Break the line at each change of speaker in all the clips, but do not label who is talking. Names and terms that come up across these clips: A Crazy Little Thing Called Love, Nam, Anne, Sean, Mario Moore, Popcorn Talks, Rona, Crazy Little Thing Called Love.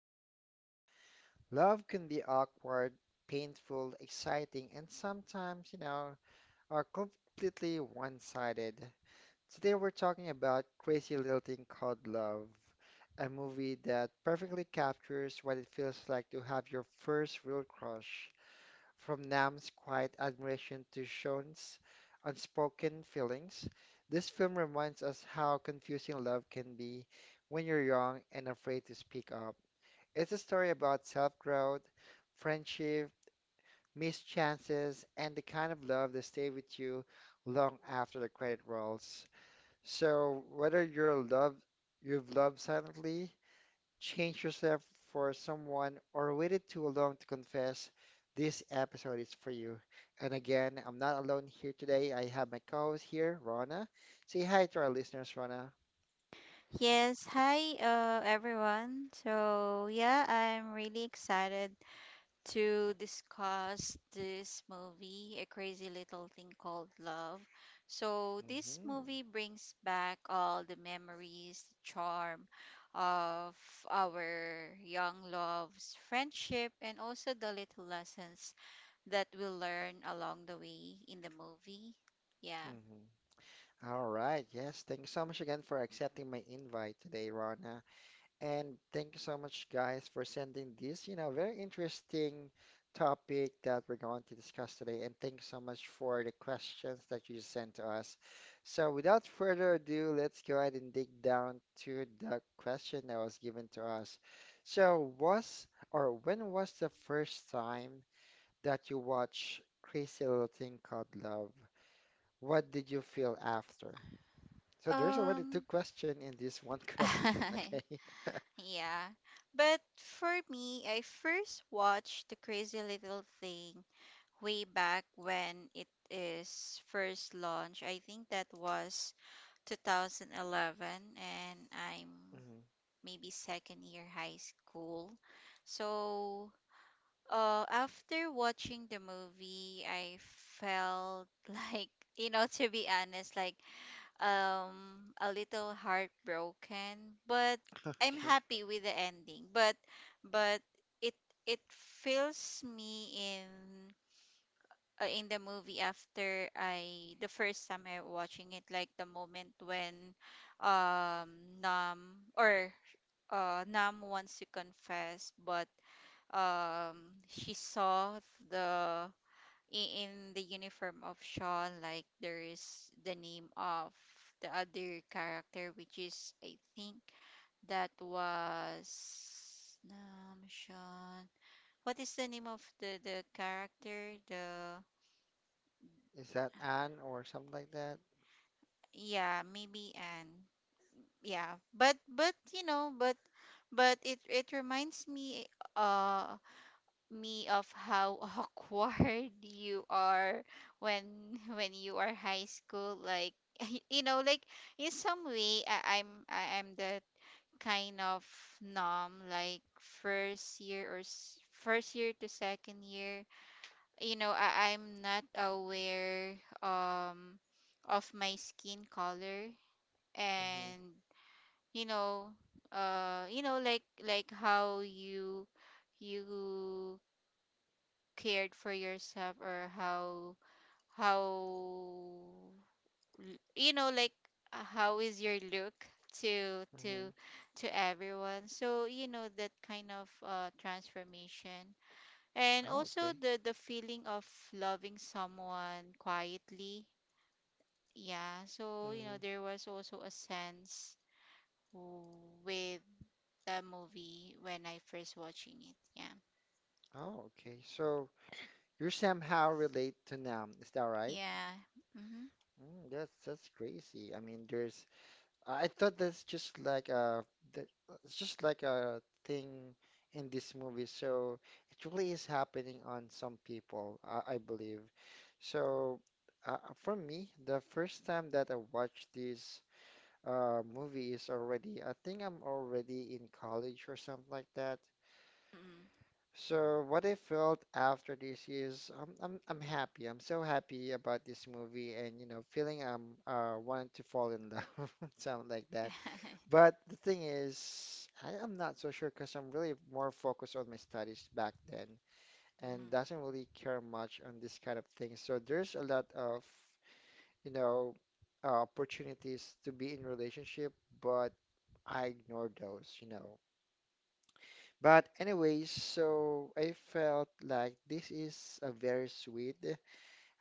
Talks. Love can be awkward, painful, exciting, and sometimes, are completely one-sided. Today we're talking about Crazy Little Thing Called Love, a movie that perfectly captures what it feels like to have your first real crush. From Nam's quiet admiration to Sean's unspoken feelings, this film reminds us how confusing love can be when you're young and afraid to speak up. It's a story about self-growth, friendship, missed chances, and the kind of love that stays with you long after the credit rolls. So whether you've loved silently change yourself for someone, or waited too long to confess, this episode is for you. And again, I'm not alone here today. I have my co-host here, Rona. Say hi to our listeners, Rona.
Yes, hi everyone. So, yeah, I'm really excited to discuss this movie, A Crazy Little Thing Called Love. So, this
Mhm.
movie brings back all the memories, the charm of our young loves, friendship, and also the little lessons that we learn along the way in the movie. Yeah.
Mhm. All right. Yes. Thanks so much again for accepting my invite today, Rona. And thank you so much, guys, for sending this, very interesting topic that we're going to discuss today. And thank you so much for the questions that you sent to us. So, without further ado, let's go ahead and dig down to the question that was given to us. So, was or when was the first time that you watched Crazy Little Thing Called Love? What did you feel after? So, there's already two
Um
questions in this one question, okay?
Yeah. But for me, I first watched The Crazy Little Thing way back when it is first launched. I think that was 2011 and I'm
Mhm.
maybe second year high school. So, after watching the movie, I felt like, to be honest, like, a little heartbroken, but I'm
Okay.
happy with the ending, but it it fills me in the movie after I the first time I watching it, like the moment when um nam or nam wants to confess, but she saw the in the uniform of Sean, like there is the name of the other character, which is I think that was Sean. What is the name of the character? The
Is that Anne or something like that?
Yeah, maybe Anne. Yeah, but you know, but it reminds uh me of how awkward you are when you are high school, like you know, like in some way I'm the kind of numb like first year to second year, you know, I'm not aware um of my skin color.
Mm-hmm.
And you know, like how you cared for yourself, or how how you know like, how is your look to
Mm-hmm.
everyone. So you know, that kind of transformation, and
Oh,
also
okay.
the feeling of loving someone quietly, yeah. So you know,
Mm-hmm.
there was also a sense w- with the movie when I first watching it. Yeah.
Oh, okay. So you somehow relate to Nam, is that right?
Yeah. Mm-hmm.
Mm, that's crazy. I mean, there's. I thought that's just like a that it's just like a thing in this movie. So it really is happening on some people, I believe. So for me, the first time that I watched this movie is already, I think I'm already in college or something like that. So what I felt after this is I'm happy. I'm so happy about this movie and feeling I'm wanting to fall in love, something like that.
Mm-hmm.
But the thing is, I am not so sure because I'm really more focused on my studies back then and doesn't really care much on this kind of thing. So there's a lot of you know opportunities to be in relationship, but I ignored those. But anyways, so I felt like this is a very sweet,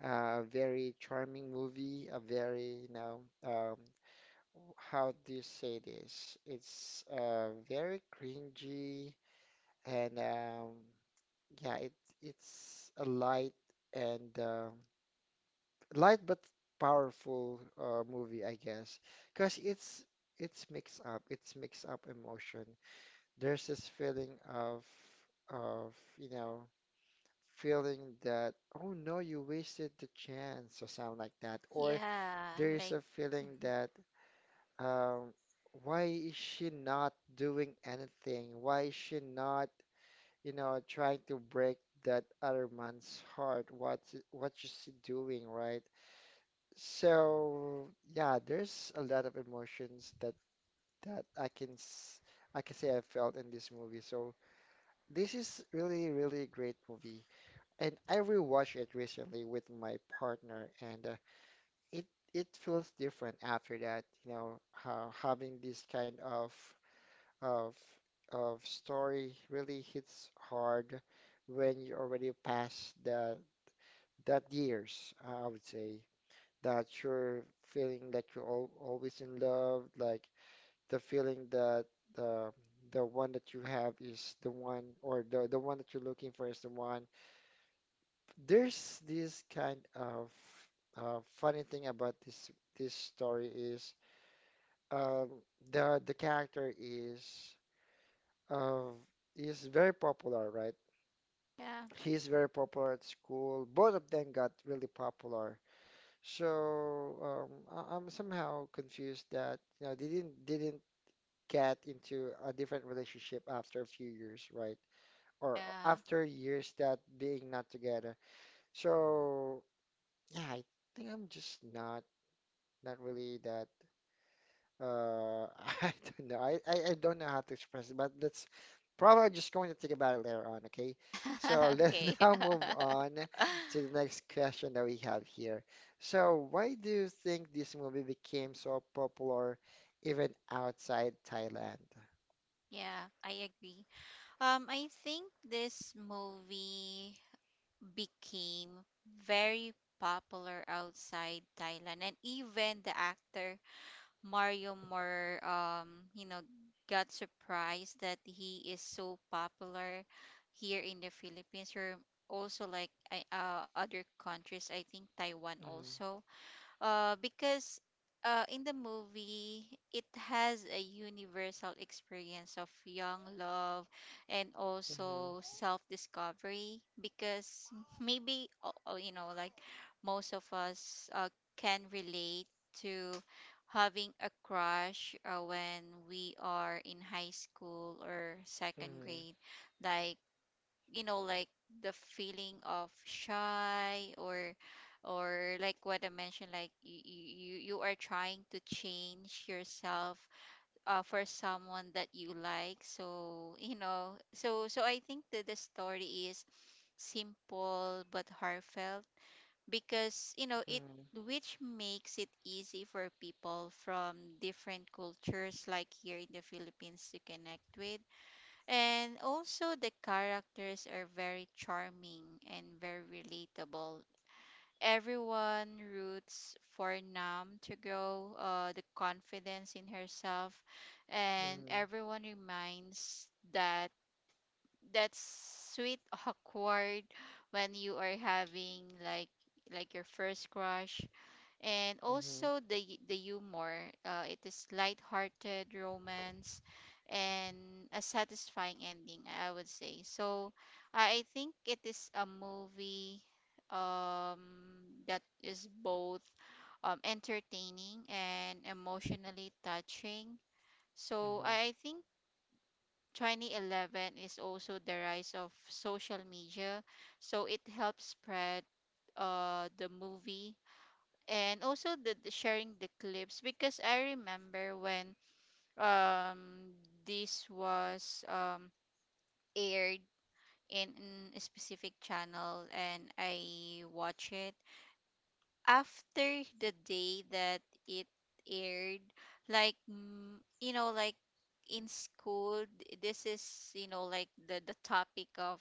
very charming movie, a very, how do you say this? It's very cringy and yeah, it's a and uh, light but powerful movie, I guess, because it's mix up emotion. There's this feeling of feeling that, oh no, you wasted the chance or something like that, or
Yeah,
there's
like
a feeling
mhm.
that, um why is she not doing anything? Why is she not trying to break that other man's heart? What is she doing, right? So yeah, there's a lot of emotions that I can say I felt in this movie. So this is really, really great movie, and I rewatched it recently with my partner, and it it feels different after that. You know, how having this kind of of story really hits hard when you already past the that years, I would say, that you're feeling that you're al always in love, like the feeling that the the one that you have is the one, or the one that you're looking for is the one. There's this kind of funny thing about this story is, um, the character uh, is very popular, right?
Yeah,
He's very popular at school. Both of them got really popular. So I'm somehow confused that they didn't get into a different relationship after a few years, right? Or
yeah.
after years that being not together. So yeah, I think I'm just not really that uh I don't know. I don't know how to express it, but that's probably just going to think about it later on, okay? So let's
Okay.
now move on to the next question that we have here. So why do you think this movie became so popular even outside Thailand?
Yeah, I agree. I think this movie became very popular outside Thailand, and even the actor Mario Moore, got surprised that he is so popular here in the Philippines, or also like other countries. I think Taiwan
Mhm,
also, because in the movie, it has a universal experience of young love and
mhm,
also self discovery. Because maybe, like most of us can relate to having a crush when we are in high school or second
mhm,
grade. Like, you know, like the feeling of shy, or like what I mentioned, like you are trying to change yourself for someone that you like. So you know, so I think that the story is simple but heartfelt, because you know it which makes it easy for people from different cultures, like here in the Philippines, to connect with. And also, the characters are very charming and very relatable. Everyone roots for Nam to grow the confidence in herself,
mhm,
and
mhm,
everyone reminds that that sweet awkward when you are having like your first crush. And
mhm,
also the humor. It is light-hearted romance and a satisfying ending, I would say. So I think it is a movie that is both entertaining and emotionally touching. So
mhm.
I think 2011 is also the rise of social media. So it helps spread the movie, and also the sharing the clips. Because I remember when um this was aired in a specific channel, and I watch it after the day that it aired. Like mm, you know, like in school, this is, you know, like the topic of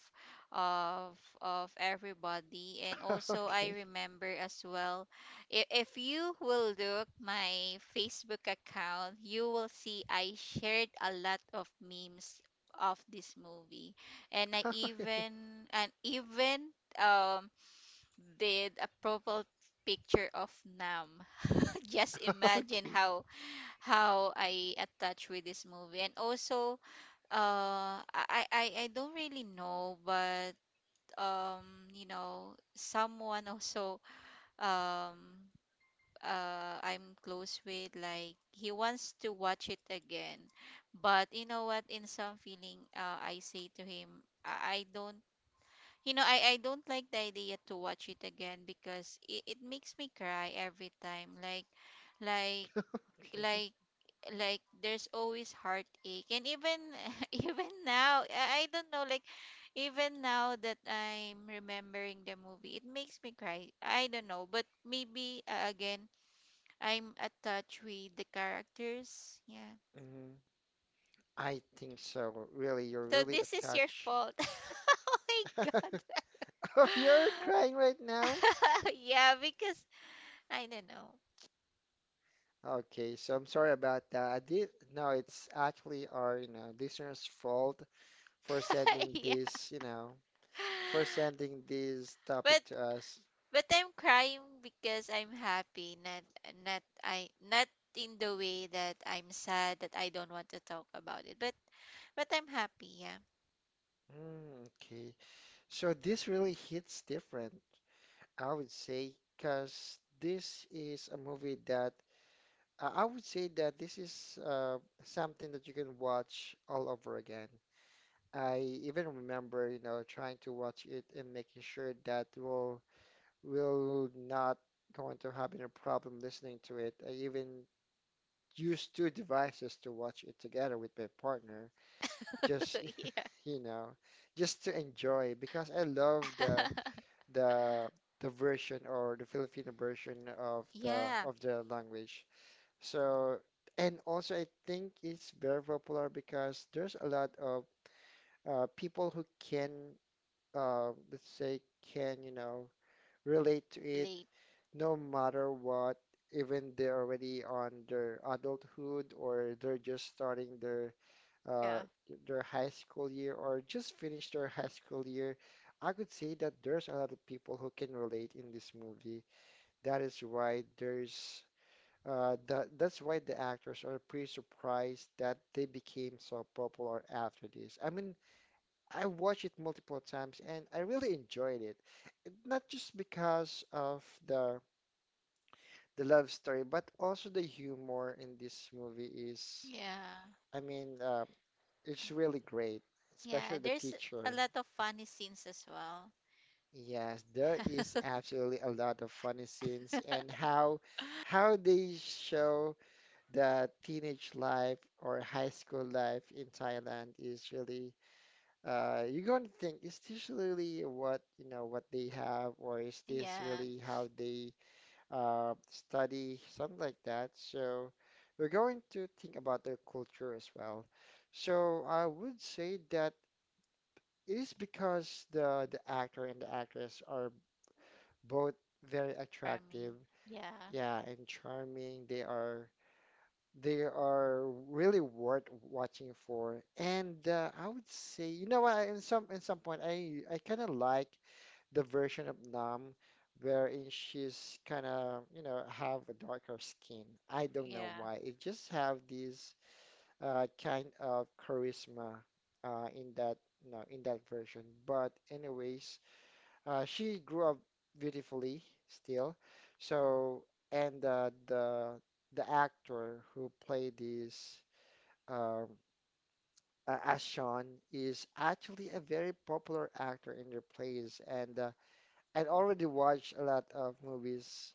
of everybody. And also I
Okay.
remember as well, if you will look my Facebook account, you will see I shared a lot of memes of this movie. And I even and even um did a profile picture of Nam. Just imagine
Okay.
how I attach with this movie. And also, I don't really know, but you know, someone also um I'm close with, like he wants to watch it again. But you know what? In some feeling, I say to him, I don't, you know, I don't like the idea to watch it again because it makes me cry every time. Like, like,
Okay.
like, like there's always heartache. And even, even now, I don't know, like, even now that I'm remembering the movie, it makes me cry. I don't know, but maybe again, I'm attached with the characters. Yeah.
Mhm, I think so. Really, you're
So
really
this is your
attached.
fault. Oh my God.
Oh, you're crying right now?
Yeah, because I don't know.
Okay, so I'm sorry about that. I did, no, it's actually our, listeners' fault for sending
Yeah.
this, you know, for sending this
But
topic to us.
I'm crying because I'm happy, not in the way that I'm sad that I don't want to talk about it. But I'm happy, yeah.
Mm, okay, so this really hits different, I would say, because this is a movie that I would say that this is something that you can watch all over again. I even remember, trying to watch it and making sure that we'll will not going to have any problem listening to it. I even used two devices to watch it together with my partner, just
Yeah.
you know, just to enjoy because I love the the version or the Filipino version of the
Yeah.
of the language. So and also I think it's very popular because there's a lot of people who can let's say, can, relate to it
Late.
no matter what, even they're already on their adulthood or they're just starting
Yeah.
uh, their high school year or just finished their high school year. I could say that there's a lot of people who can relate in this movie. That is why there's that that's why the actors are pretty surprised that they became so popular after this. I mean, I watched it multiple times and I really enjoyed it. Not just because of the love story, but also the humor in this movie is,
Yeah.
I mean, it's really great,
Yeah.
especially the
There's a
teacher.
lot of funny scenes as well.
Yes, there is absolutely a lot of funny scenes and how they show the teenage life or high school life in Thailand is really you're going to think, is this really what they have, or is this
Yeah.
really how they study, something like that. So we're going to think about their culture as well. So I would say that it is because the actor and the actress are both very attractive,
Farming. Yeah.
yeah, and charming. They are really worth watching for. And I would say, you know what, in some point I kind of like the version of Nam wherein she's kind of, have a darker skin. I don't know
Yeah.
why. It just have this kind of charisma in that version. But anyways, she grew up beautifully still. So, and the actor who played this um, as Sean is actually a very popular actor in their plays, and I'd already watched a lot of movies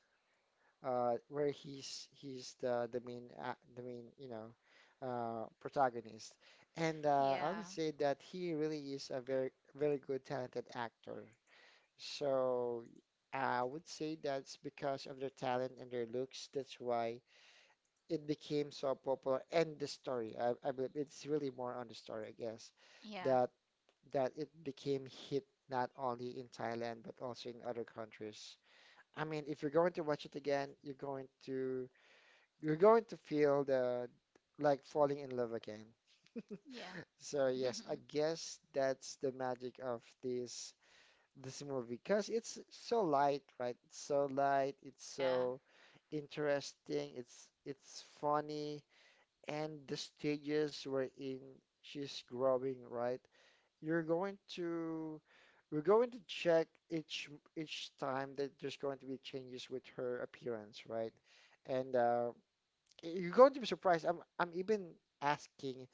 where he's the main protagonist, and I would
Yeah.
say that he really is a very very good talented actor. So I would say that's because of their talent and their looks. That's why it became so popular, and the story. I believe it's really more on the story, I guess,
Yeah.
that that it became hit not only in Thailand but also in other countries. I mean, if you're going to watch it again, you're going to feel the like falling in love again.
Yeah.
So yes, I guess that's the magic of this movie because it's so light, right? It's so light, it's
Yeah.
so interesting, it's funny, and the stages we're in, she's growing, right? You're going to we're going to check each time that there's going to be changes with her appearance, right? And you're going to be surprised. I'm even asking,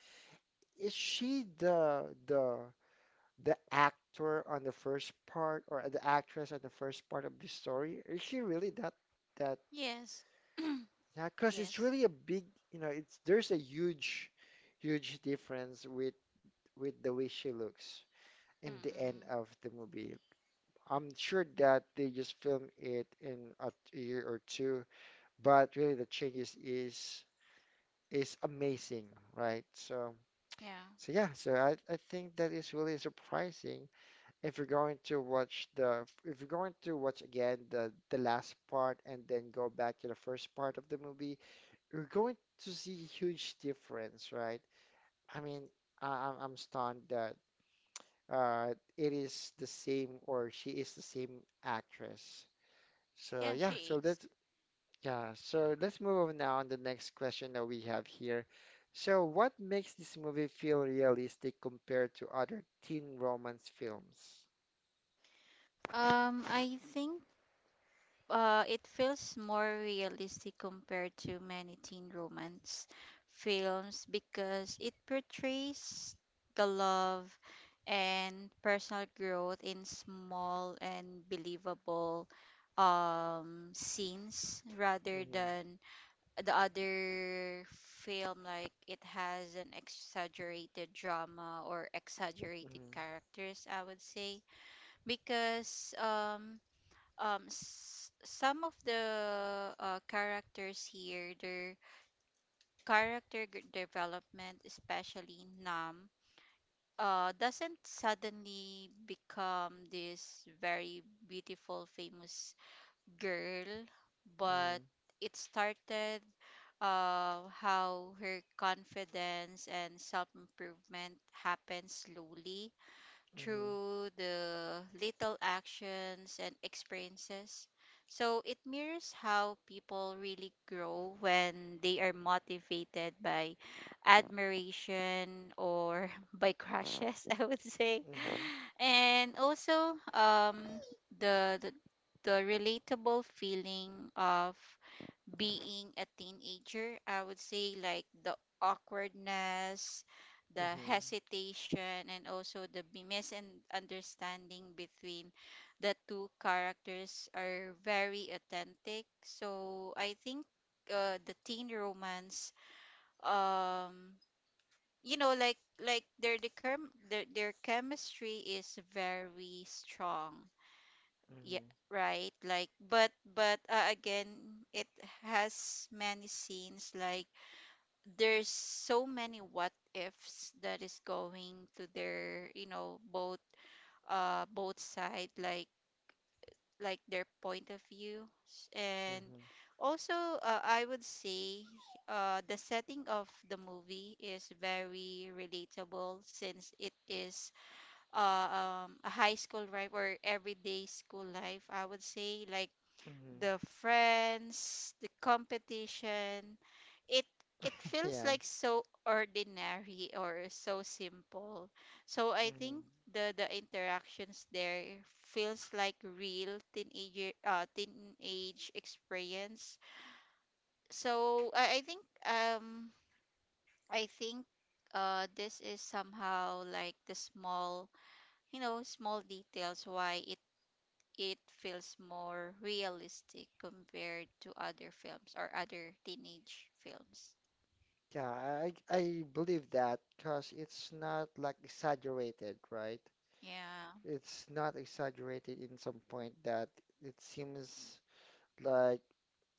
is she the actor on the first part or the actress on the first part of the story? Is she really that?
Yes.
Yeah, because it's
Yes.
really a big, you know, it's there's a huge, huge difference with the way she looks in the end
Mm.
of the movie, I'm sure that they just film it in a year or two, but really the changes is amazing, right? So
Yeah.
so yeah, so I think that is really surprising if you're going to watch again the last part and then go back to the first part of the movie, you're going to see huge difference, right? I mean, I'm stunned that it is the same or she is the same actress. So
Yeah,
yeah,
she
so
is.
let's move on now on the next question that we have here. So what makes this movie feel realistic compared to other teen romance films?
I think it feels more realistic compared to many teen romance films, because it portrays the love and personal growth in small and believable scenes, rather
Mm-hmm,
than the other film, like it has an exaggerated drama or exaggerated
mm-hmm,
characters, I would say. Because some of the characters here, their development, especially Nam, doesn't suddenly become this very beautiful famous girl, but it started how her confidence and self-improvement happened slowly,
mm-hmm,
through the little actions and experiences. So it mirrors how people really grow when they are motivated by admiration, or by crushes, I would say.
mm-hmm,
And also the the, the relatable feeling of being a teenager, I would say, like the awkwardness, the
mm-hmm, mm-hmm,
hesitation, and also misunderstanding between the two characters are very authentic. So I think the teen romance, um, like their their chemistry is very strong, yeah,
mm-hmm,
right. Like but again, it has many scenes, like there's so many what ifs that is going to their, you know, both both side, like their point of view. And
mm-hmm,
also I would say the setting of the movie is very relatable, since it is a high school life or everyday school life, I would say, like
mm-hmm.
the friends, the competition. It it feels
Yeah.
like so ordinary or so simple. So I
Mm-hmm.
think the interactions there feels like real teenage experience. So I think I think this is somehow like the small, you know, small details why it feels more realistic compared to other films or other teenage films.
Yeah, I believe that because it's not like exaggerated, right?
Yeah.
It's not exaggerated in some point that it seems like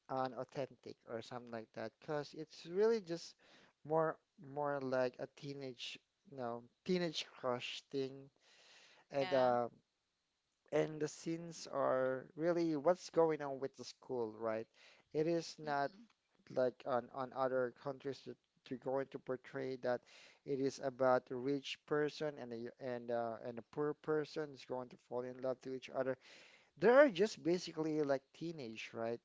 on authentic or something like that because it's really just more more like a teenage teenage crush thing and
Yeah.
uh and the scenes are really what's going on with the school, right? It is not
Mm-mm.
like on other countries that they're going to portray that it is about a rich person and a poor person is going to fall in love to each other. They're just basically like teenage, right?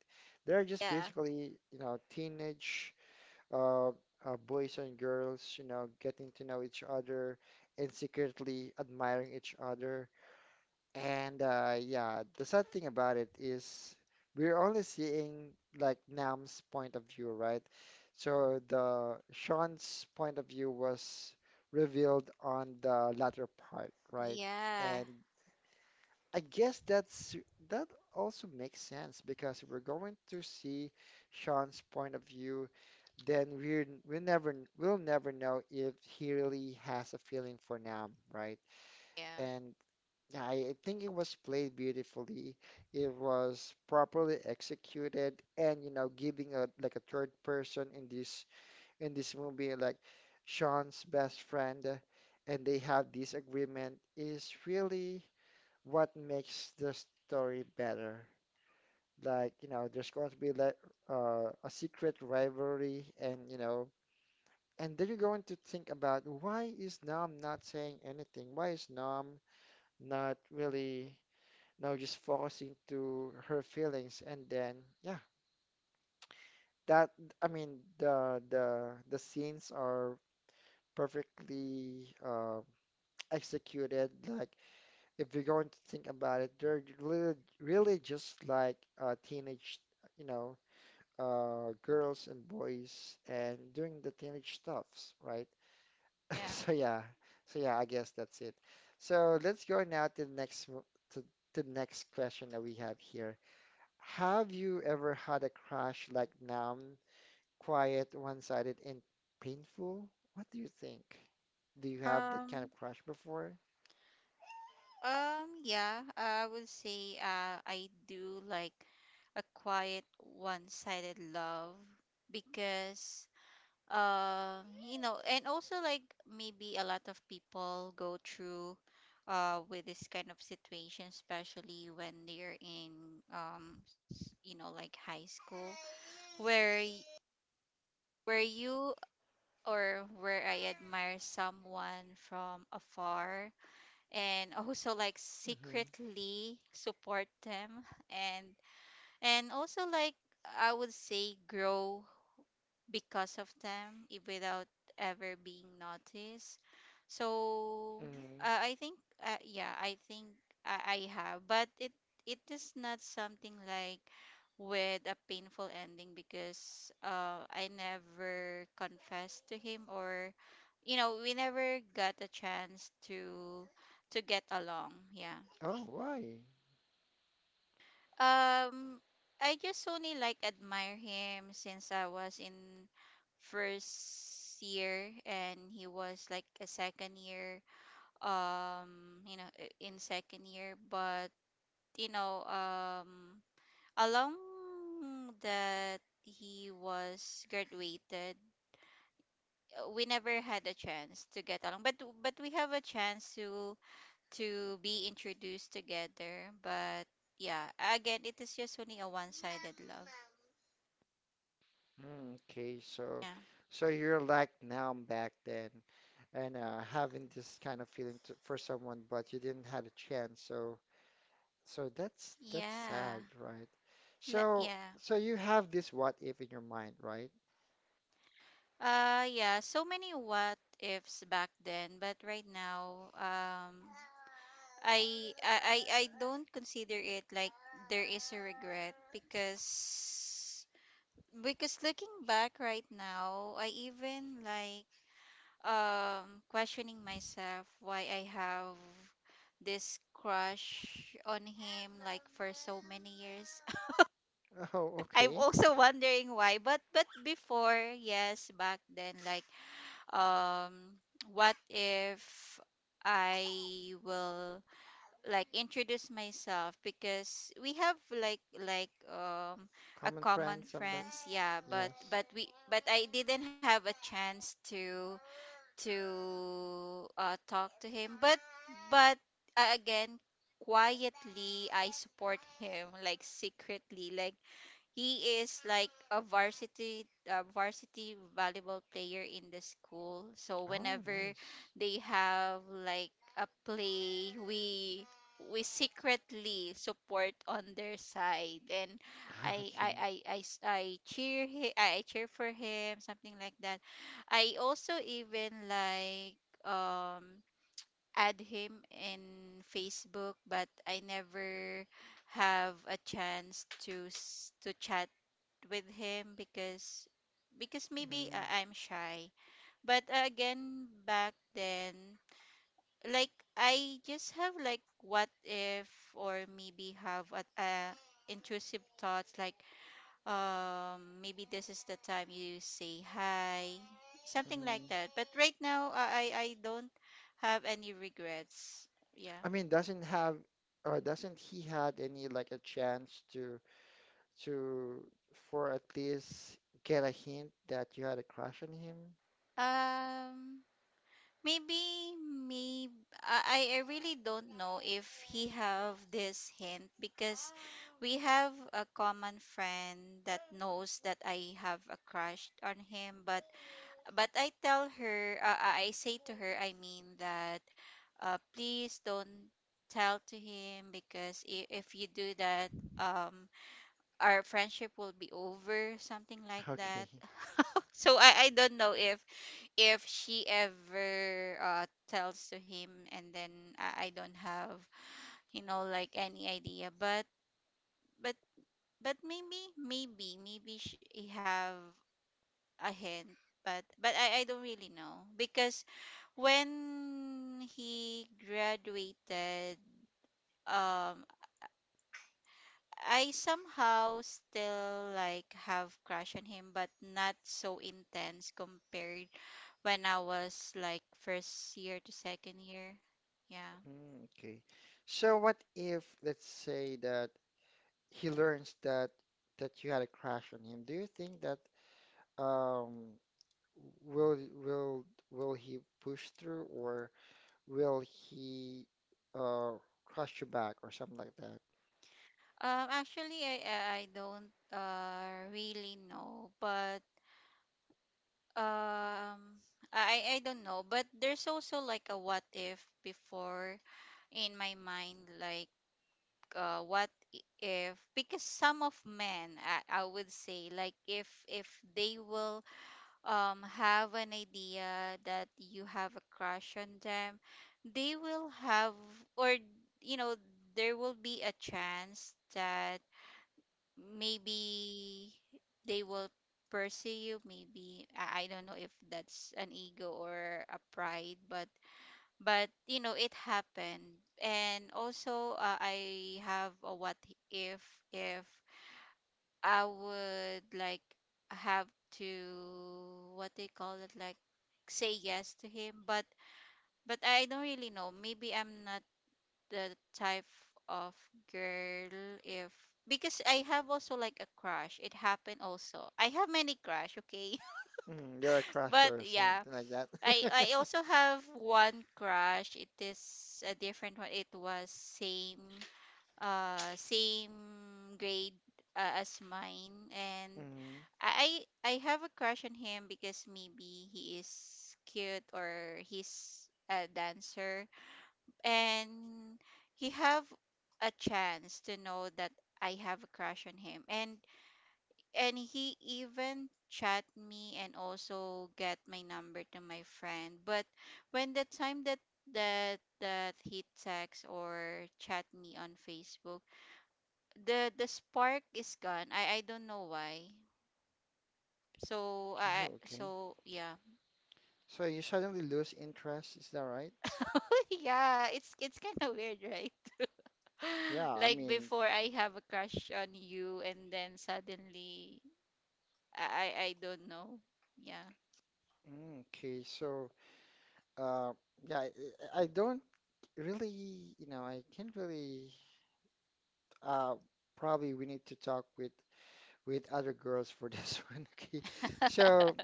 They're just
Yeah.
basically, teenage boys and girls, getting to know each other and secretly admiring each other. And yeah, the sad thing about it is we're only seeing like Nam's point of view, right? So the Sean's point of view was revealed on the latter part, right?
Yeah.
And I guess that also makes sense because if we're going to see Sean's point of view, then we'll never know if he really has a feeling for Nam, right?
Yeah.
And yeah, I think it was played beautifully. It was properly executed, and giving a like a third person in this movie, like Sean's best friend, and they have this agreement is really what makes the story better. Like, there's going to be like a secret rivalry, and and then you're going to think about, why is Nam not saying anything? Why is Nam not really, just focusing to her feelings? And then, yeah, that I mean, the scenes are perfectly executed. Like if you're going to think about it, they're really, really just like teenage, you know, girls and boys and doing the teenage stuffs, right?
Yeah.
So yeah, so yeah, I guess that's it. So let's go now to the next to to the next question that we have here. Have you ever had a crush like numb, quiet, one-sided, and painful? What do you think? Do you have that kind
Um
of crush before?
yeah, I would say I do like a quiet one-sided love, because you know, and also like maybe a lot of people go through with this kind of situation, especially when they're in you know, like high school, where y- where you or where I admire someone from afar, and also like
Hmm.
secretly support them. And also like I would say grow because of them without ever being noticed. So
Hmm.
I think yeah, I think I have, but it is not something like with a painful ending, because I never confessed to him, or you know, we never got a chance to get along. Yeah.
Oh, why?
Um, I just only like admire him since I was in first year, and he was like a second year. In second year. But you know, along that he was graduated, we never had a chance to get along. But we have a chance to be introduced together, but yeah, again it is just only a one-sided love.
Mm, okay, so
Yeah.
so you're like now back then and having this kind of feeling for someone, but you didn't had a chance. So that's
Yeah.
sad, right? So
Yeah.
so you have this what if in your mind, right?
Yeah, so many what ifs back then, but right now I I I I don't consider it like there is a regret, because looking back right now, I even like questioning myself why I have this crush on him, like for so many years.
Oh,
I'm
okay.
also wondering why. But before, yes, back then, like um, what if I will like introduce myself, because we have like a
Common
common
friends, something like.
friends, yeah.
Yes.
But we but I didn't have a chance to talk to him. But but again, quietly I support him, like secretly. Like he is like a varsity volleyball player in the school. So
Oh,
whenever
nice.
they have like a play, we secretly support on their side. And
Okay.
I, s- I cheer he, I cheer for him, something like that. I also even like um add him in Facebook but I never have a chance to to chat with him because maybe
Mm,
I'm shy. But again, back then, like I just have like what if or maybe have a intrusive thoughts like maybe this is the time you say hi, something like
mhm.
that. But right now, I don't have any regrets. Yeah.
I mean, doesn't he had any like a chance to for at least get a hint that you had a crush on him?
Um. Maybe I really don't know if he have this hint because we have a common friend that knows that I have a crush on him. But I tell her, I say to her, I mean that, please don't tell to him because if you do that, um, our friendship will be over, something like
Okay.
that. So I don't know if she ever tells to him and then I don't have you know like any idea but but maybe she have a hint but but I don't really know because when he graduated um I somehow still like have crush on him but not so intense compared when I was like first year to second year, yeah.
Mm, okay. So what if, let's say that he learns that you had a crush on him? Do you think that um will will will he push through, or will he uh crush you back or something like that?
Actually, I don't really know, but um, I don't know. But there's also like a what if before in my mind, like what if because some of men, I would say, like if they will have an idea that you have a crush on them, they will have or you know there will be a chance that maybe they will pursue you. Maybe I don't know if that's an ego or a pride but you know it happened. And also I have a what if if I would like have to what they call it like say yes to him but I don't really know. Maybe I'm not the type of girl if because I have also like a crush. It happened also. I have many crush, okay?
Mm, you're a
But
crusher or
yeah,
something like that.
I also have one crush. It is a different one. It was same same grade as mine. And
Mm.
I have a crush on him because maybe he is cute or he's a dancer, and he have a chance to know that I have a crush on him. And he even chat me and also get my number to my friend. But when the time that that he text or chat me on Facebook, the spark is gone. I don't know why. So
Oh,
I,
okay.
so yeah.
So you suddenly lose interest, is that right?
Yeah, it's kind of weird, right?
Yeah, I
Like
mean,
before I have a crush on you and then suddenly I I don't know. Yeah.
okay, so uh, yeah, I don't really, I can't really. Uh, Probably we need to talk with other girls for this one. Okay, so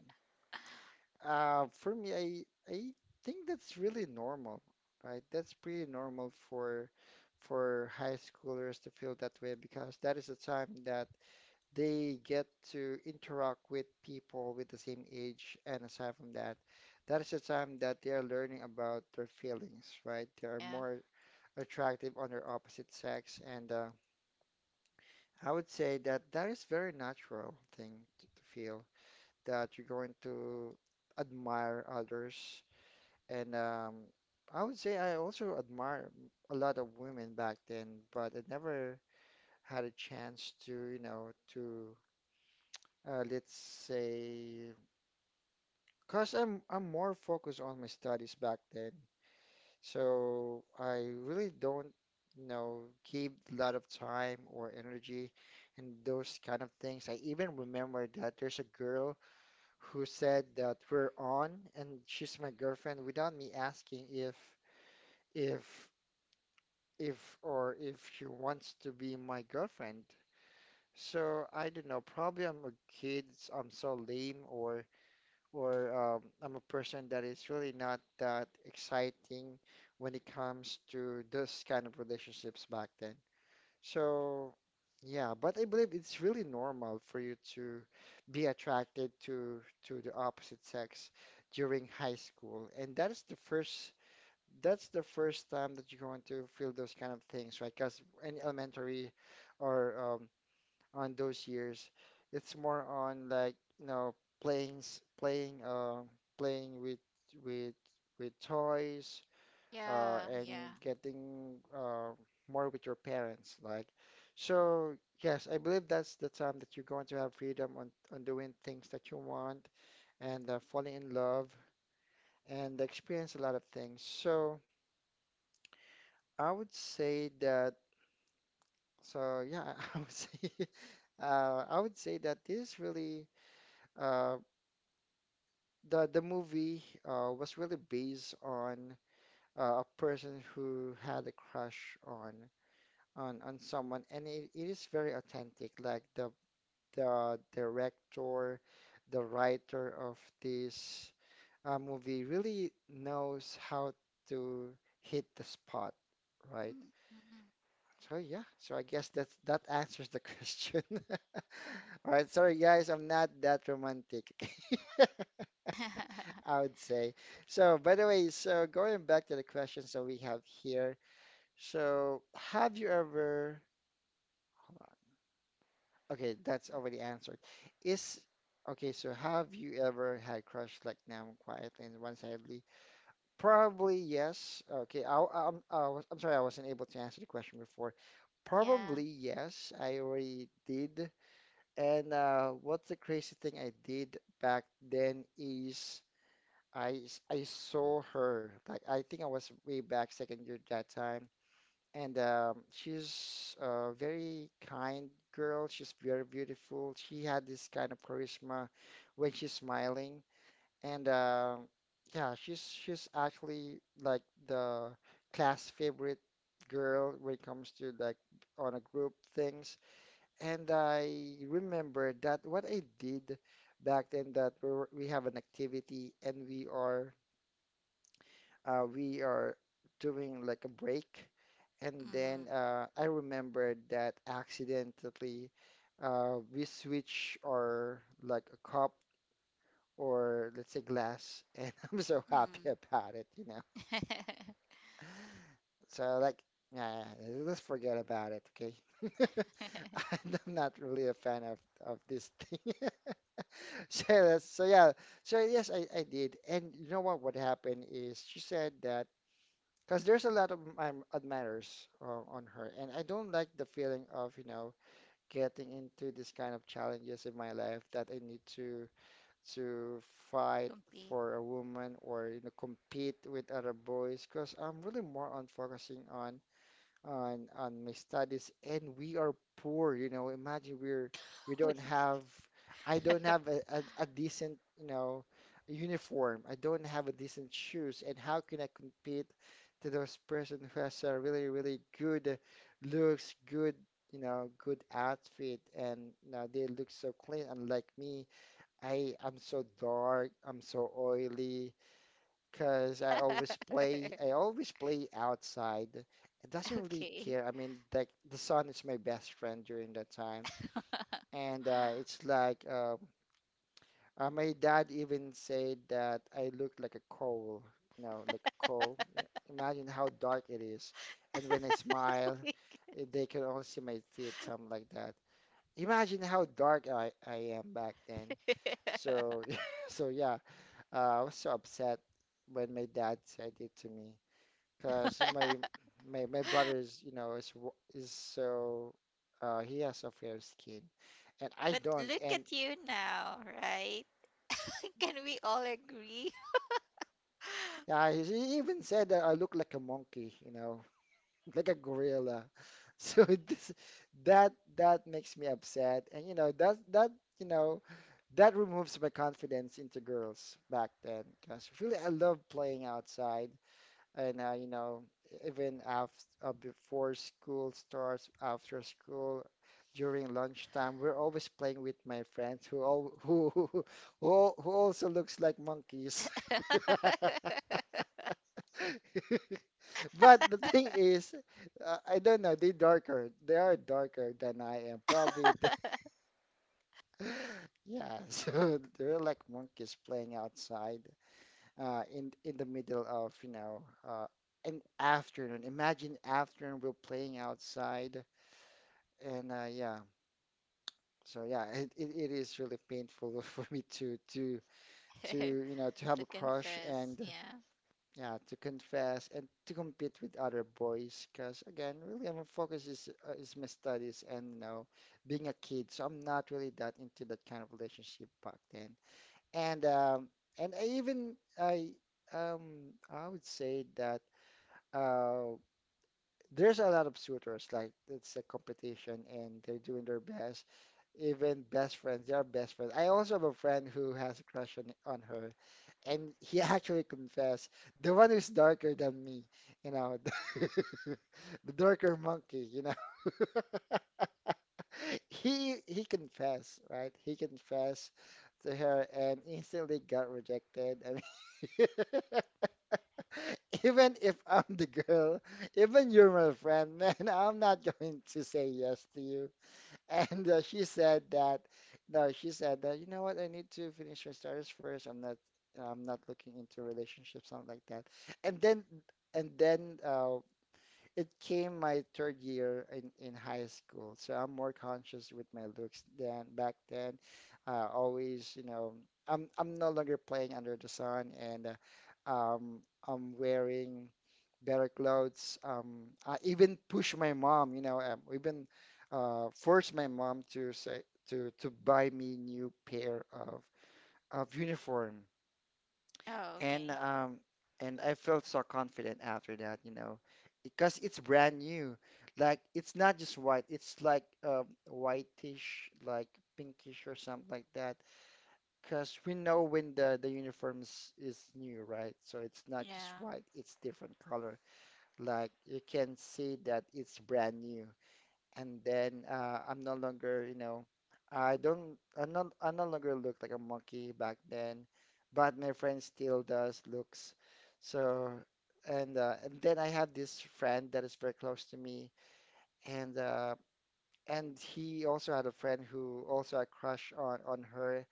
for me, I think that's really normal, right? That's pretty normal for high schoolers to feel that way because that is a time that they get to interact with people with the same age. And aside from that, that is the time that they are learning about their feelings, right? They are
Yeah.
more attractive on their opposite sex. And I would say that that is very natural thing to feel that you're going to admire others. And I would say I also admire a lot of women back then, but I never had a chance to, let's say. Cause I'm more focused on my studies back then, so I really don't, you know, give a lot of time or energy and those kind of things. I even remember that there's a girl who said that we're on, and she's my girlfriend, without me asking if if she wants to be my girlfriend. So I don't know. Probably I'm a kid. I'm so lame or, I'm a person that is really not that exciting when it comes to this kind of relationships back then. So, yeah, but I believe it's really normal for you to be attracted to the opposite sex during high school, and that is the first time that you're going to feel those kind of things, right? Because in elementary or on those years. It's more on, like, playing playing with with with toys
Yeah.
and
Yeah.
getting more with your parents like. So, yes, I believe that's the time that you're going to have freedom on doing things that you want and falling in love and experience a lot of things. So, I would say that. So yeah, I would say. I would say that this really uh, the movie was really based on a person who had a crush on someone, and it is very authentic. Like the director, the writer of this movie really knows how to hit the spot, right?
Mm, mhm.
So yeah, so I guess that's that answers the question. All right, sorry guys, I'm not that romantic. I would say. So, by the way, so going back to the questions that we have here. So, have you ever, hold on. Okay, that's already answered. Is, okay, so have you ever had crush like now, quietly and one-sidedly? Probably yes. Okay, I'm sorry, I wasn't able to answer the question before.
yeah.
Probably yes, I already did. And what's the crazy thing I did back then is, I saw her like, I think I was way back second year that time, and she's a very kind girl. She's very beautiful. She had this kind of charisma when she's smiling, and yeah, she's actually like the class favorite girl when it comes to like on a group things. And I remember that what I did back then, that we have an activity, and we are doing like a break. And
Mm-hmm.
then I remembered that accidentally we switch our like a cup, or let's say glass, and I'm so happy
Mm-hmm.
about it, you know. So like, yeah, yeah, yeah, yeah, let's forget about it, okay? I'm not really a fan of this thing. So that's, so yeah, so yes, I did. And you know what? What happened is, she said that. Because there's a lot of admirers on her, and I don't like the feeling of, getting into this kind of challenges in my life that I need to fight
Compete.
for a woman, or, compete with other boys. Because I'm really more on focusing on my studies, and we are poor, you know. Imagine, we
Weak.
don't have. I don't have a decent, you know, uniform. I don't have a decent shoes. And how can I compete to those person who has a really really good looks, good, you know, good outfit, and, they look so clean unlike me. I am so dark, I'm so oily, because I always play I always play outside. It doesn't really
okay.
care. I mean, like the sun is my best friend during that time, and it's like my dad even said that I look like a coal, like a coal. Yeah, imagine how dark it is, and when I smile,
Weak.
eh, they can only see my teeth, something like that. Imagine how dark I am back then. So so yeah, I was so upset when my dad said it to me because my brother is you know is w- is so, he has a fair skin, and I
but
don't
look
and
at you now, right? Can we all agree?
yeah, he even said that I look like a monkey, like a gorilla. So this that that makes me upset, and that you know that removes my confidence into girls back then because really I love playing outside. And even after before school starts, after school, during lunchtime, we're always playing with my friends who all who also looks like monkeys. But the thing is, I don't know, they are darker than I am probably. Yeah, so they're like monkeys playing outside in the middle of uh, an afternoon. Imagine, afternoon we're playing outside, and yeah, so yeah, it is really painful for me to to have
To
a crush,
confess.
and
Yeah.
yeah, to confess and to compete with other boys because, again, really, my focus is, my studies. And being a kid, so I'm not really that into that kind of relationship back then. And um, and I even I. I would say that, uh, there's a lot of suitors, like it's a competition and they're doing their best. Even best friends, they are best friends. I also have a friend who has a crush on her, and he actually confessed, the one who's darker than me, you know, the darker monkey. He confessed, right? He confessed to her and instantly got rejected. I mean, even if I'm the girl, even you're my friend, man, I'm not going to say yes to you. And she said that, no, she said that, you know what, I need to finish my studies first. I'm not looking into relationships, something like that. And then, and then, it came my third year in, high school, so I'm more conscious with my looks than back then. Always, I'm no longer playing under the sun, and uh, um, I'm wearing better clothes. I even push my mom, even force my mom to say to buy me new pair of uniform,
Oh,
and
okay.
um and I felt so confident after that, you know, because it's brand new. Like, it's not just white, it's like whitish, like pinkish or something like that. Because we know when the uniform is new, right? So it's not just
Yeah.
white, it's different color. Like, you can see that it's brand new, and then I'm no longer, you know, I don't, I'm not, I no longer look like a monkey back then, but my friend still does looks. So, and then I have this friend that is very close to me, and uh, and he also had a friend who also had crush on her,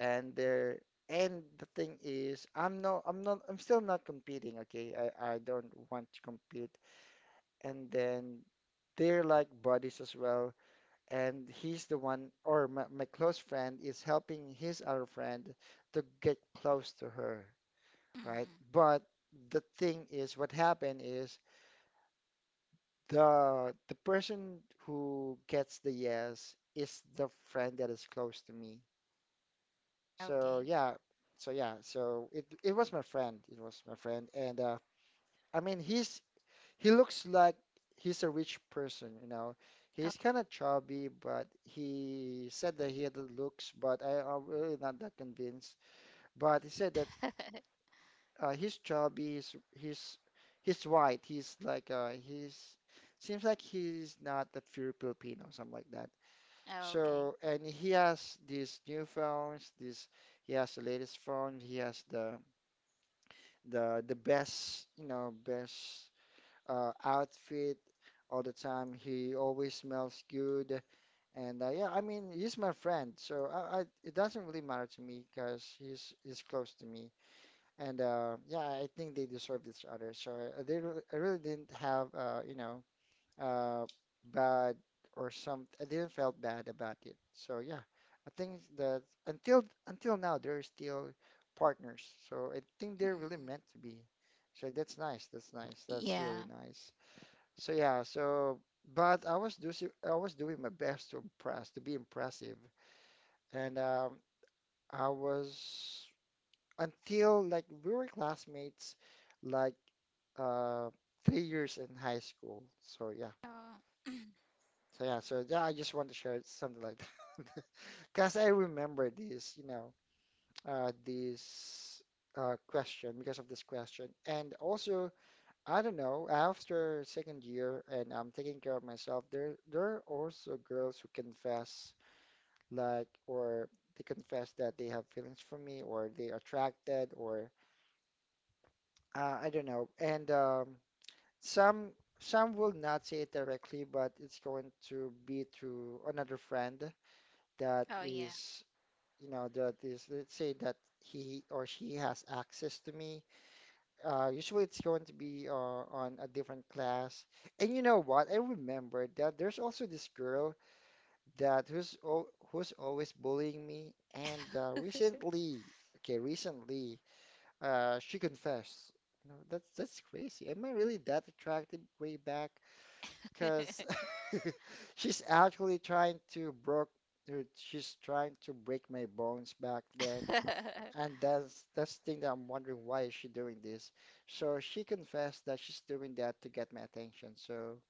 and they're. And the thing is, I'm still not competing, okay? I don't want to compete. And then they're like buddies as well, and he's the one, or my close friend is helping his other friend to get close to her, right?
Mm-mm.
But the thing is, what happened is the person who gets the yes is the friend that is close to me. So
Okay.
yeah, so yeah, so it was my friend, it was my friend, and I mean, he looks like he's a rich person, you know.
Oh,
He's kind of chubby, but he said that he had the looks, but I'm really not that convinced. But he said that he's chubby, he's white, he's like, he's seems like he's not a pure Filipino, something like that.
oh, okay.
So, and he has these new phones, this He has the latest phone, he has the best, you know, best outfit all the time. He always smells good, and yeah, I mean, he's my friend, so I it doesn't really matter to me because he's close to me, and yeah, I think they deserve each other. So I, didn't, really, I really didn't have, uh, bad or some, I didn't felt bad about it. So yeah, I think that until now they're still partners, so I think they're really
Mm.
meant to be. So that's nice. That's nice. That's really
Yeah.
nice. So yeah, so but I was doing my best to impress, to be impressive, and I was, until like we were classmates, like uh 3 years in high school. So yeah,
Oh,
so yeah, so yeah, I just want to share something like that because I remember this, you know, this question because of this question, and also, I don't know. After second year and I'm taking care of myself, there are also girls who confess, like, or they confess that they have feelings for me, or they attracted, or I don't know. And some, will not say it directly, but it's going to be through another friend that
oh yeah.
is, you know, that is, let's say that he or she has access to me. Usually it's going to be on a different class. And you know what? I remember that there's also this girl that who's al who's always bullying me. And recently, okay, recently, she confessed. You know, that's crazy. Am I really that attractive way back? Because she's actually trying to broke. She's trying to break my bones back then. And that's the thing that I'm wondering, why is she doing this? So she confessed that she's doing that to get my attention. So,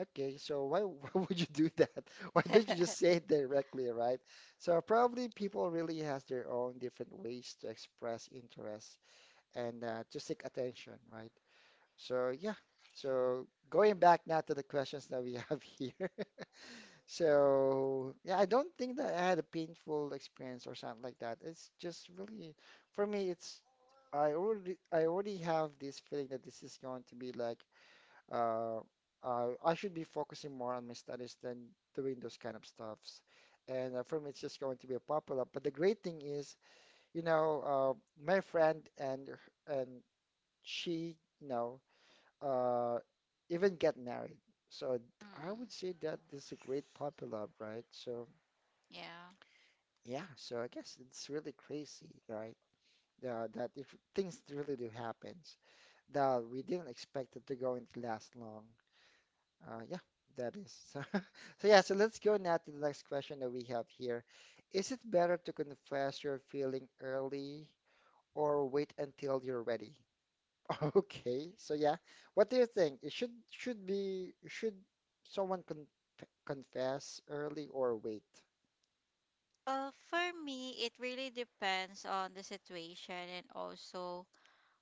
okay, so why why would you do that? Why don't you just say it directly, right? So probably people really has their own different ways to express interest and to seek attention, right? So yeah. So going back now to the questions that we have here. So yeah, I don't think that I had a painful experience or something like that. It's just really, for me, it's I already have this feeling that this is going to be like uh, I should be focusing more on my studies than doing those kind of stuffs. And for me, it's just going to be a popular. But the great thing is, you know, uh, my friend and and she, uh, even get married. So I would
mm.
say that this is a great popular, right? So
Yeah.
yeah, so I guess it's really crazy, right? That if things really do happens, that we didn't expect it to go and last long. Yeah, that is. So, so yeah, so let's go now to the next question that we have here. Is it better to confess your feeling early or wait until you're ready? Okay, so yeah, what do you think? It should someone confess early or wait?
Well, for me, it really depends on the situation and also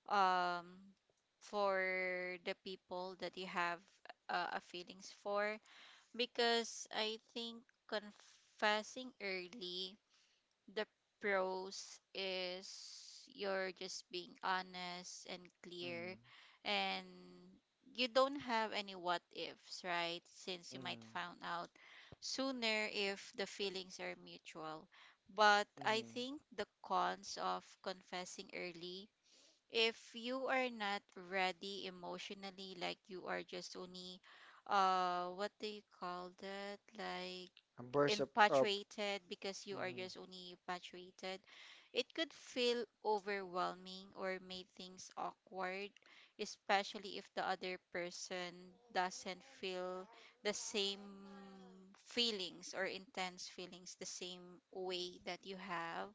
um for the people that you have a feelings for. Because I think confessing early, the pros is you're just being honest and clear,
Mm,
and you don't have any what ifs, right? Since you might
mm,
find out sooner if the feelings are mutual. But I
mm.
think the cons of confessing early, if you are not ready emotionally, like you are just only, what do you call that? Like
A burst of
infatuated, because you are
hmm.
just only infatuated, it could feel overwhelming or make things awkward, especially if the other person doesn't feel the same feelings or intense feelings the same way that you have.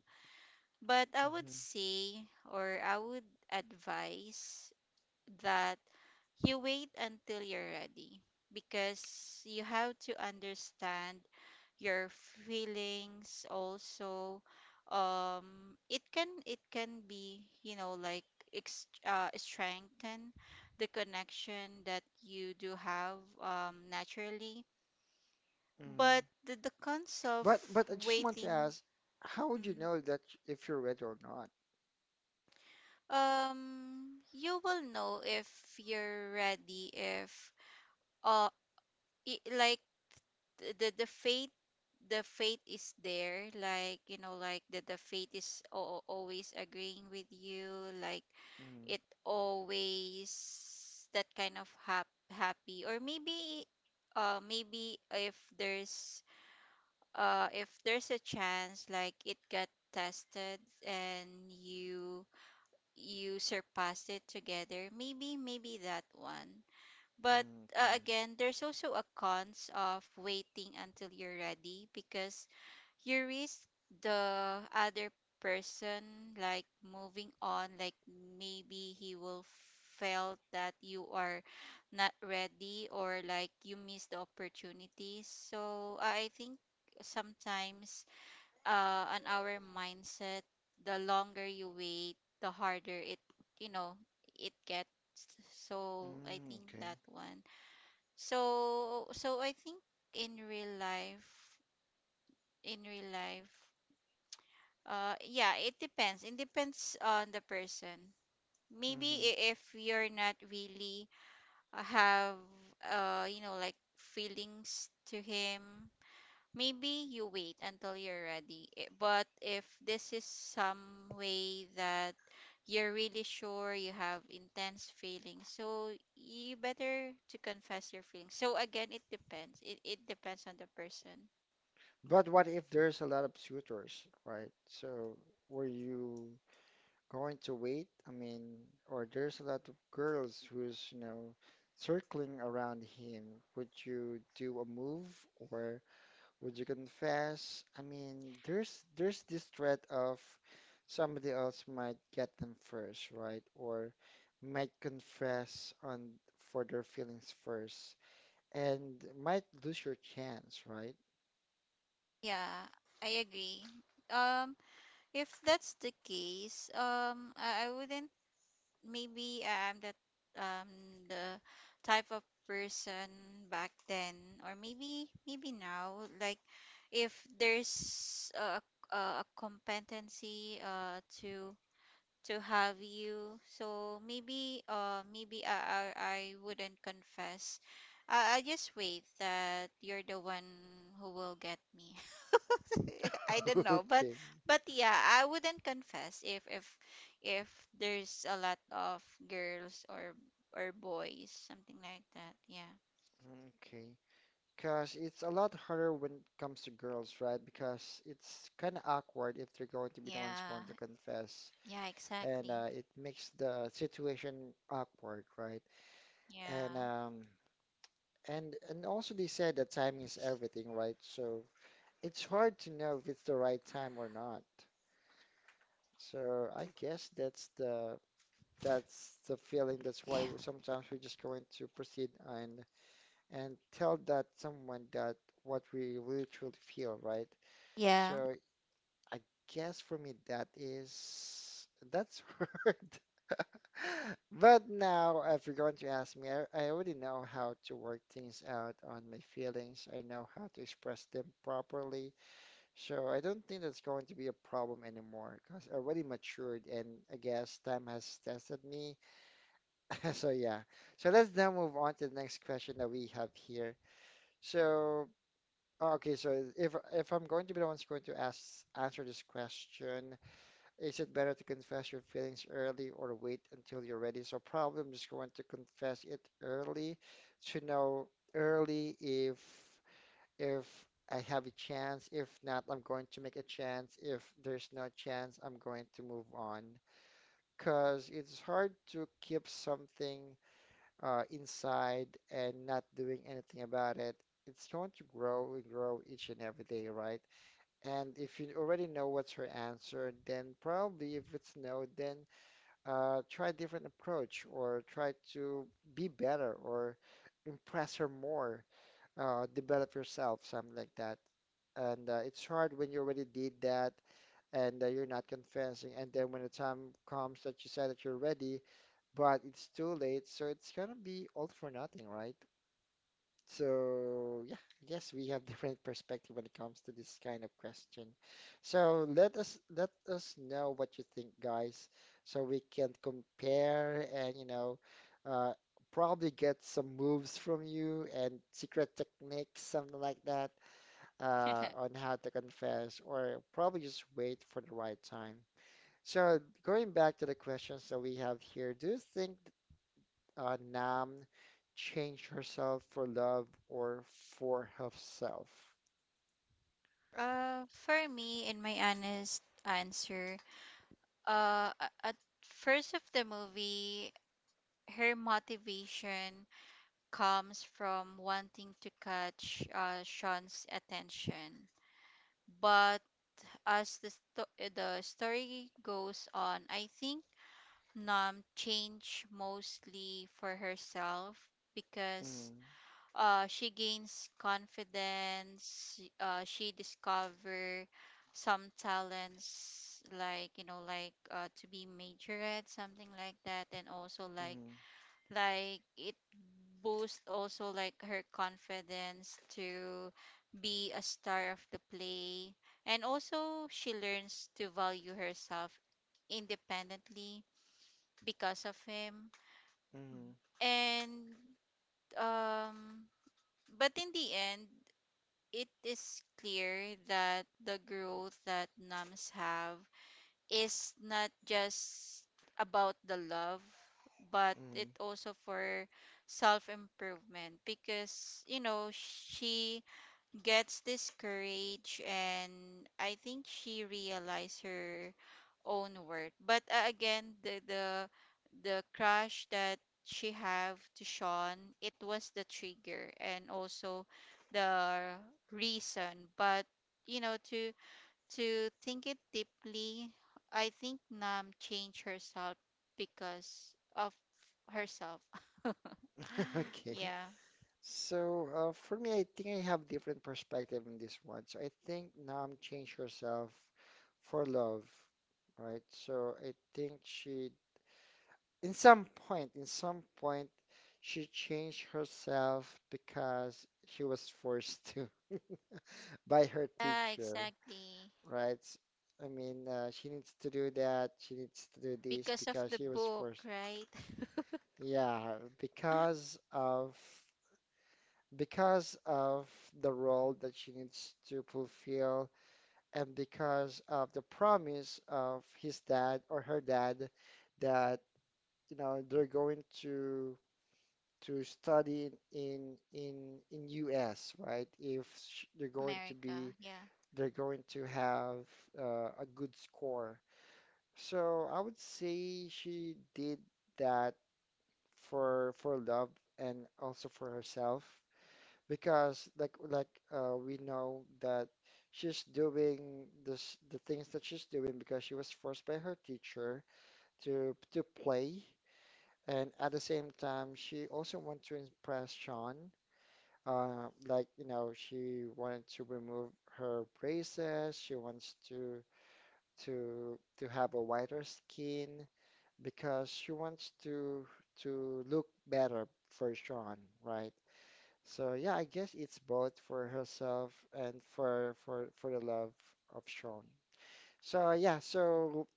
But I would
Hmm.
say, or I would advise that you wait until you're ready because you have to understand your feelings also. It can be you know like strengthen the connection that you do have naturally.
Hmm.
But the cons of
But I just want to
waiting,
ask, how would you
mm,
know that if you're ready or not?
you will know if you're ready if uh like the faith, the faith is there. Like you know like the faith is always agreeing with you, like
Mm,
it always that kind of happy. Or maybe maybe if there's a chance like it got tested and you you surpassed it together. Maybe maybe that one. But
mm, okay.
again, there's also a cons of waiting until you're ready because you risk the other person like moving on. Like maybe he will felt that you are not ready or like you miss the opportunities. So I think sometimes on our mindset, the longer you wait, the harder it, you know, it gets. So I
Mm,
think
okay.
that one. So so I think in real life, in real life, yeah, it depends, it depends on the person. Maybe
Mm-hmm.
if you're not really have you know like feelings to him. Maybe you wait until you're ready. But if this is some way that you're really sure you have intense feelings, so you better to confess your feelings. So again, it depends. It depends on the person.
But what if there's a lot of suitors, right? So were you going to wait? I mean, or there's a lot of girls who's, you know, circling around him. Would you do a move, or would you confess? I mean, there's this threat of somebody else might get them first, right? Or might confess on for their feelings first and might lose your chance, right?
Yeah, I agree. Um, if that's the case, I wouldn't. Maybe I'm that um the type of person back then or maybe maybe now, like if there's a competency to have you, so maybe maybe I wouldn't confess. I just wait that you're the one who will get me. I don't know,
Okay.
but yeah, I wouldn't confess if there's a lot of girls or boys, something like that. Yeah.
Okay. Because it's a lot harder when it comes to girls, right? Because it's kind of awkward if they're going to be the ones going
Yeah.
to confess.
Yeah,
And
exactly.
it makes the situation awkward, right? And
Yeah.
and also they said that timing is everything, right? So it's hard to know if it's the right time or not. So I guess that's the feeling. That's why we- sometimes we're just going to proceed and tell that someone that what we really truly feel, right?
Yeah.
So I guess for me that is that's hard. But now, if you're going to ask me, I already know how to work things out on my feelings. I know how to express them properly. So I don't think that's going to be a problem anymore because I already matured and I guess time has tested me. So yeah. So let's now move on to the next question that we have here. So, okay, so if I'm going to be the one who's going to ask, answer this question, is it better to confess your feelings early or wait until you're ready? So probably I'm just going to confess it early to know early if I have a chance. If not, I'm going to make a chance. If there's no chance, I'm going to move on. Because it's hard to keep something inside and not doing anything about it. It's going to grow and grow each and every day, right? And if you already know what's her answer, then probably if it's no, then try a different approach or try to be better or impress her more, develop yourself, something like that. And it's hard when you already did that and you're not confessing. And then when the time comes that you said that you're ready, but it's too late, so it's gonna be all for nothing, right? So, yeah, I guess we have different perspective when it comes to this kind of question. So let us know what you think, guys, so we can compare and uh, probably get some moves from you and secret techniques, something like that, on how to confess, or probably just wait for the right time. So going back to the questions that we have here, do you think Nam change herself for love or for herself?
For me, in my honest answer, at first of the movie, her motivation comes from wanting to catch Sean's attention. But as the, the story goes on, I think Nam changed mostly for herself because
Mm,
she gains confidence, she discover some talents like you know like to be majorette something like that, and also
mm,
like it boosts also like her confidence to be a star of the play. And also she learns to value herself independently because of him.
mm,
And um but in the end it is clear that the growth that nuns have is not just about the love but it
mm.
also for self improvement. Because you know she gets this courage and I think she realized her own worth. But again, the the crush that she have to Sean, it was the trigger and also the reason. But you know, to think it deeply, I think Nam changed herself because of herself.
Okay.
Yeah.
So for me, I think I have different perspective on this one. So I think Nam changed herself for love, right? So I think she, in some point, she changed herself because she was forced to by her
Yeah,
teacher.
exactly.
Right? I mean, she needs to do that. She needs to do this
Because of
because
the
she was
book,
forced.
right?
Yeah, because of because of the role that she needs to fulfill, and because of the promise of his dad or her dad that you know they're going to study in in US, right? If sh- they're
America.
going
Yeah.
to be they're going to have a good score. So I would say she did that for love and also for herself because like we know that she's doing this the things that she's doing because she was forced by her teacher to play, and at the same time she also wanted to impress Sean. Like, she wanted to remove her braces. She wants to to have a whiter skin because she wants to look better for Sean, right? So yeah, I guess it's both for herself and for the love of Sean. So yeah, so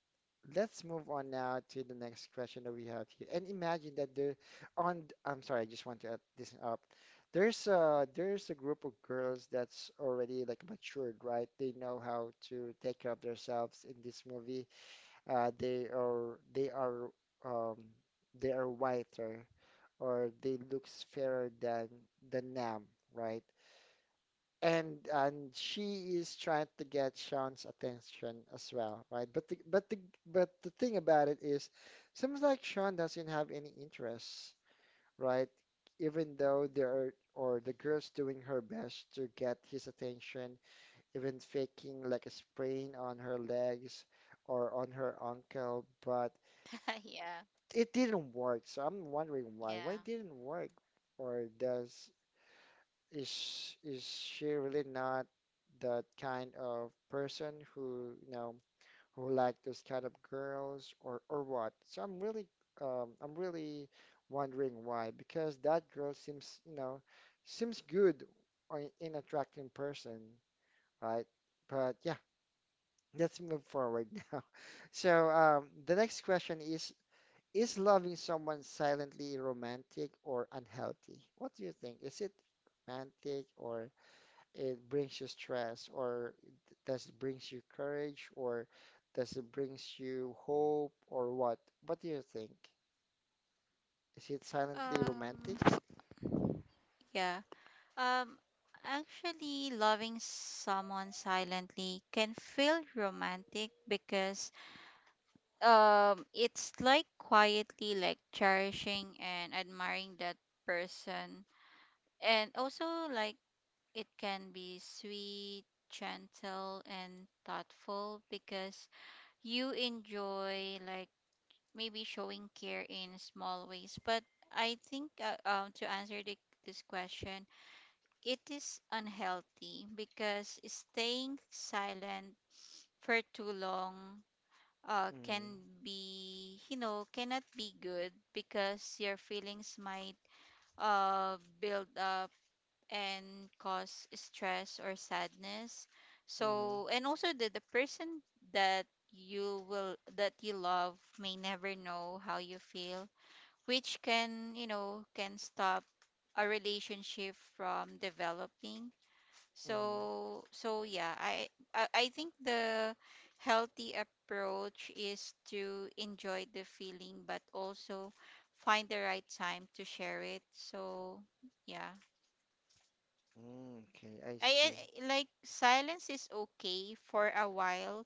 let's move on now to the next question that we have here. And imagine that there on I'm sorry, I just want to add this up. There's a group of girls that's already like matured, right? They know how to take care of themselves in this movie. They are um, they are whiter or they looks fairer than the Nam, right? And she is trying to get Sean's attention as well, right? But the thing about it is, seems like Sean doesn't have any interest, right? Even though there are or the girl's doing her best to get his attention, even faking like a sprain on her legs or on her ankle, but
Yeah.
it didn't work, so I'm wondering why. Why
Yeah.
didn't work? Or does is she really not that kind of person who, you know, who like those kind of girls or what? So I'm really wondering why because that girl seems, you know, seems good or an attracting person, right? But yeah, let's move forward now. So the next question is loving someone silently romantic or unhealthy? What do you think? Is it romantic or it brings you stress or d- does it brings you courage or does it brings you hope or what? What do you think? Is it silently romantic?
Um, yeah. Um, actually, loving someone silently can feel romantic because it's like quietly like cherishing and admiring that person. And also like it can be sweet, gentle and thoughtful because you enjoy like maybe showing care in small ways. But I think to answer the, this question, it is unhealthy because staying silent for too long
Mm-hmm.
can be you know cannot be good because your feelings might build up and cause stress or sadness.
Mm-hmm.
So and also the person that you will that you love may never know how you feel, which can you know can stop a relationship from developing.
Mm-hmm.
So so yeah, I I think the healthy approach is to enjoy the feeling but also find the right time to share it. So yeah.
Mm, okay, I
I
see.
I- like silence is okay for a while,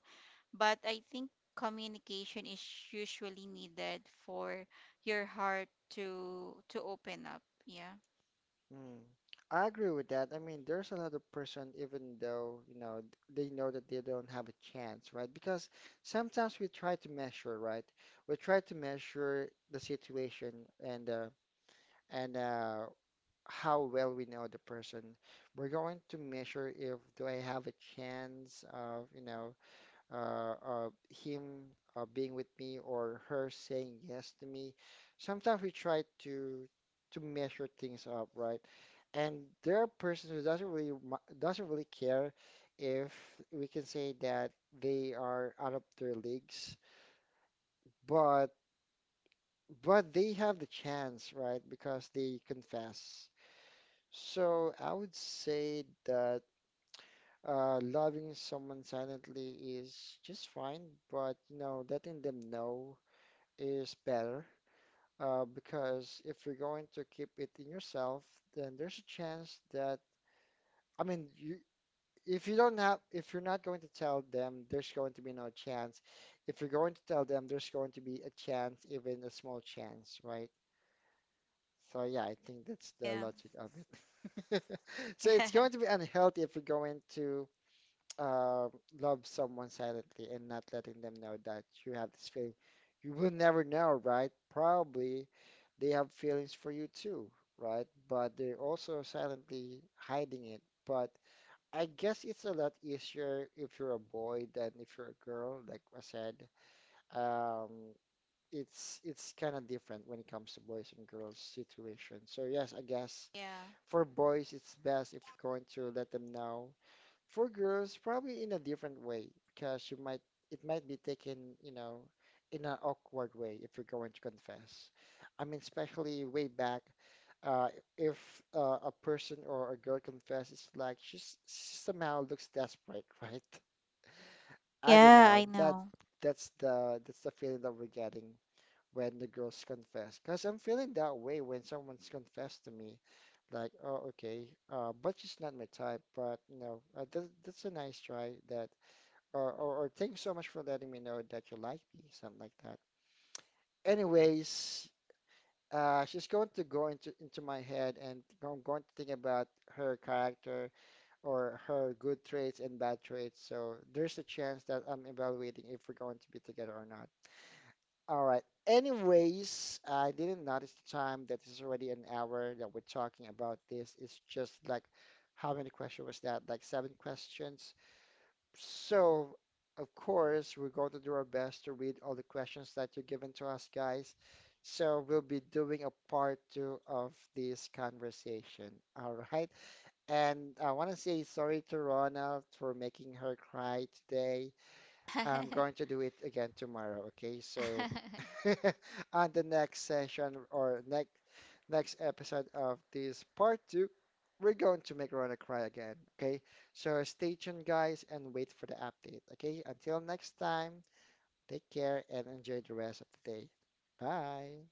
but I think communication is usually needed for your heart to open up. Yeah.
Mm. I agree with that. I mean, there's another person, even though, you know, th- they know that they don't have a chance, right? Because sometimes we try to measure, right? We try to measure the situation and uh, and how well we know the person. We're going to measure if do I have a chance of, of him being with me or her saying yes to me. Sometimes we try to measure things up, right? And there are persons who doesn't really mi- doesn't really care if we can say that they are out of their leagues, but they have the chance, right? Because they confess. So I would say that loving someone silently is just fine, but you know, letting them know is better. Because if you're going to keep it in yourself, then there's a chance that I mean, you, if you don't have if you're not going to tell them there's going to be no chance, if you're going to tell them there's going to be a chance, even a small chance, right? So yeah, I think that's the
Yeah.
logic of it. So it's going to be unhealthy if you're going to uh, love someone silently and not letting them know that you have this feeling. You will never know, right? Probably they have feelings for you too, right? But they're also silently hiding it. But I guess it's a lot easier if you're a boy than if you're a girl, like I said. Um, it's kind of different when it comes to boys and girls situation. So yes, I guess
yeah.
for boys it's best if you're going to let them know. For girls, probably in a different way because you might it might be taken, you know, in an awkward way if you're going to confess. I mean, especially way back uh, if a person or a girl confesses, like she's she somehow looks desperate, right? I don't
Yeah,
know.
I
That
know.
that's the that's the feeling that we're getting when the girls confess. Cause I'm feeling that way when someone's confessed to me, like, oh, okay, but she's not my type. But you know, that's a nice try. That or thanks so much for letting me know that you like me, something like that. Anyways. She's going to go into my head, and I'm going to think about her character or her good traits and bad traits. So there's a chance that I'm evaluating if we're going to be together or not. All right. Anyways, I didn't notice the time that this already an hour that we're talking about this. It's just like how many questions was that? Like seven questions. So, of course, we're going to do our best to read all the questions that you are given to us, guys. So, we'll be doing a part two of this conversation. All right. And I want to say sorry to Ronald for making her cry today. I'm going to do it again tomorrow, okay? So on the next session or next episode of this part two, we're going to make Rona cry again, okay? So stay tuned, guys, and wait for the update, okay? Until next time, take care and enjoy the rest of the day. Bye.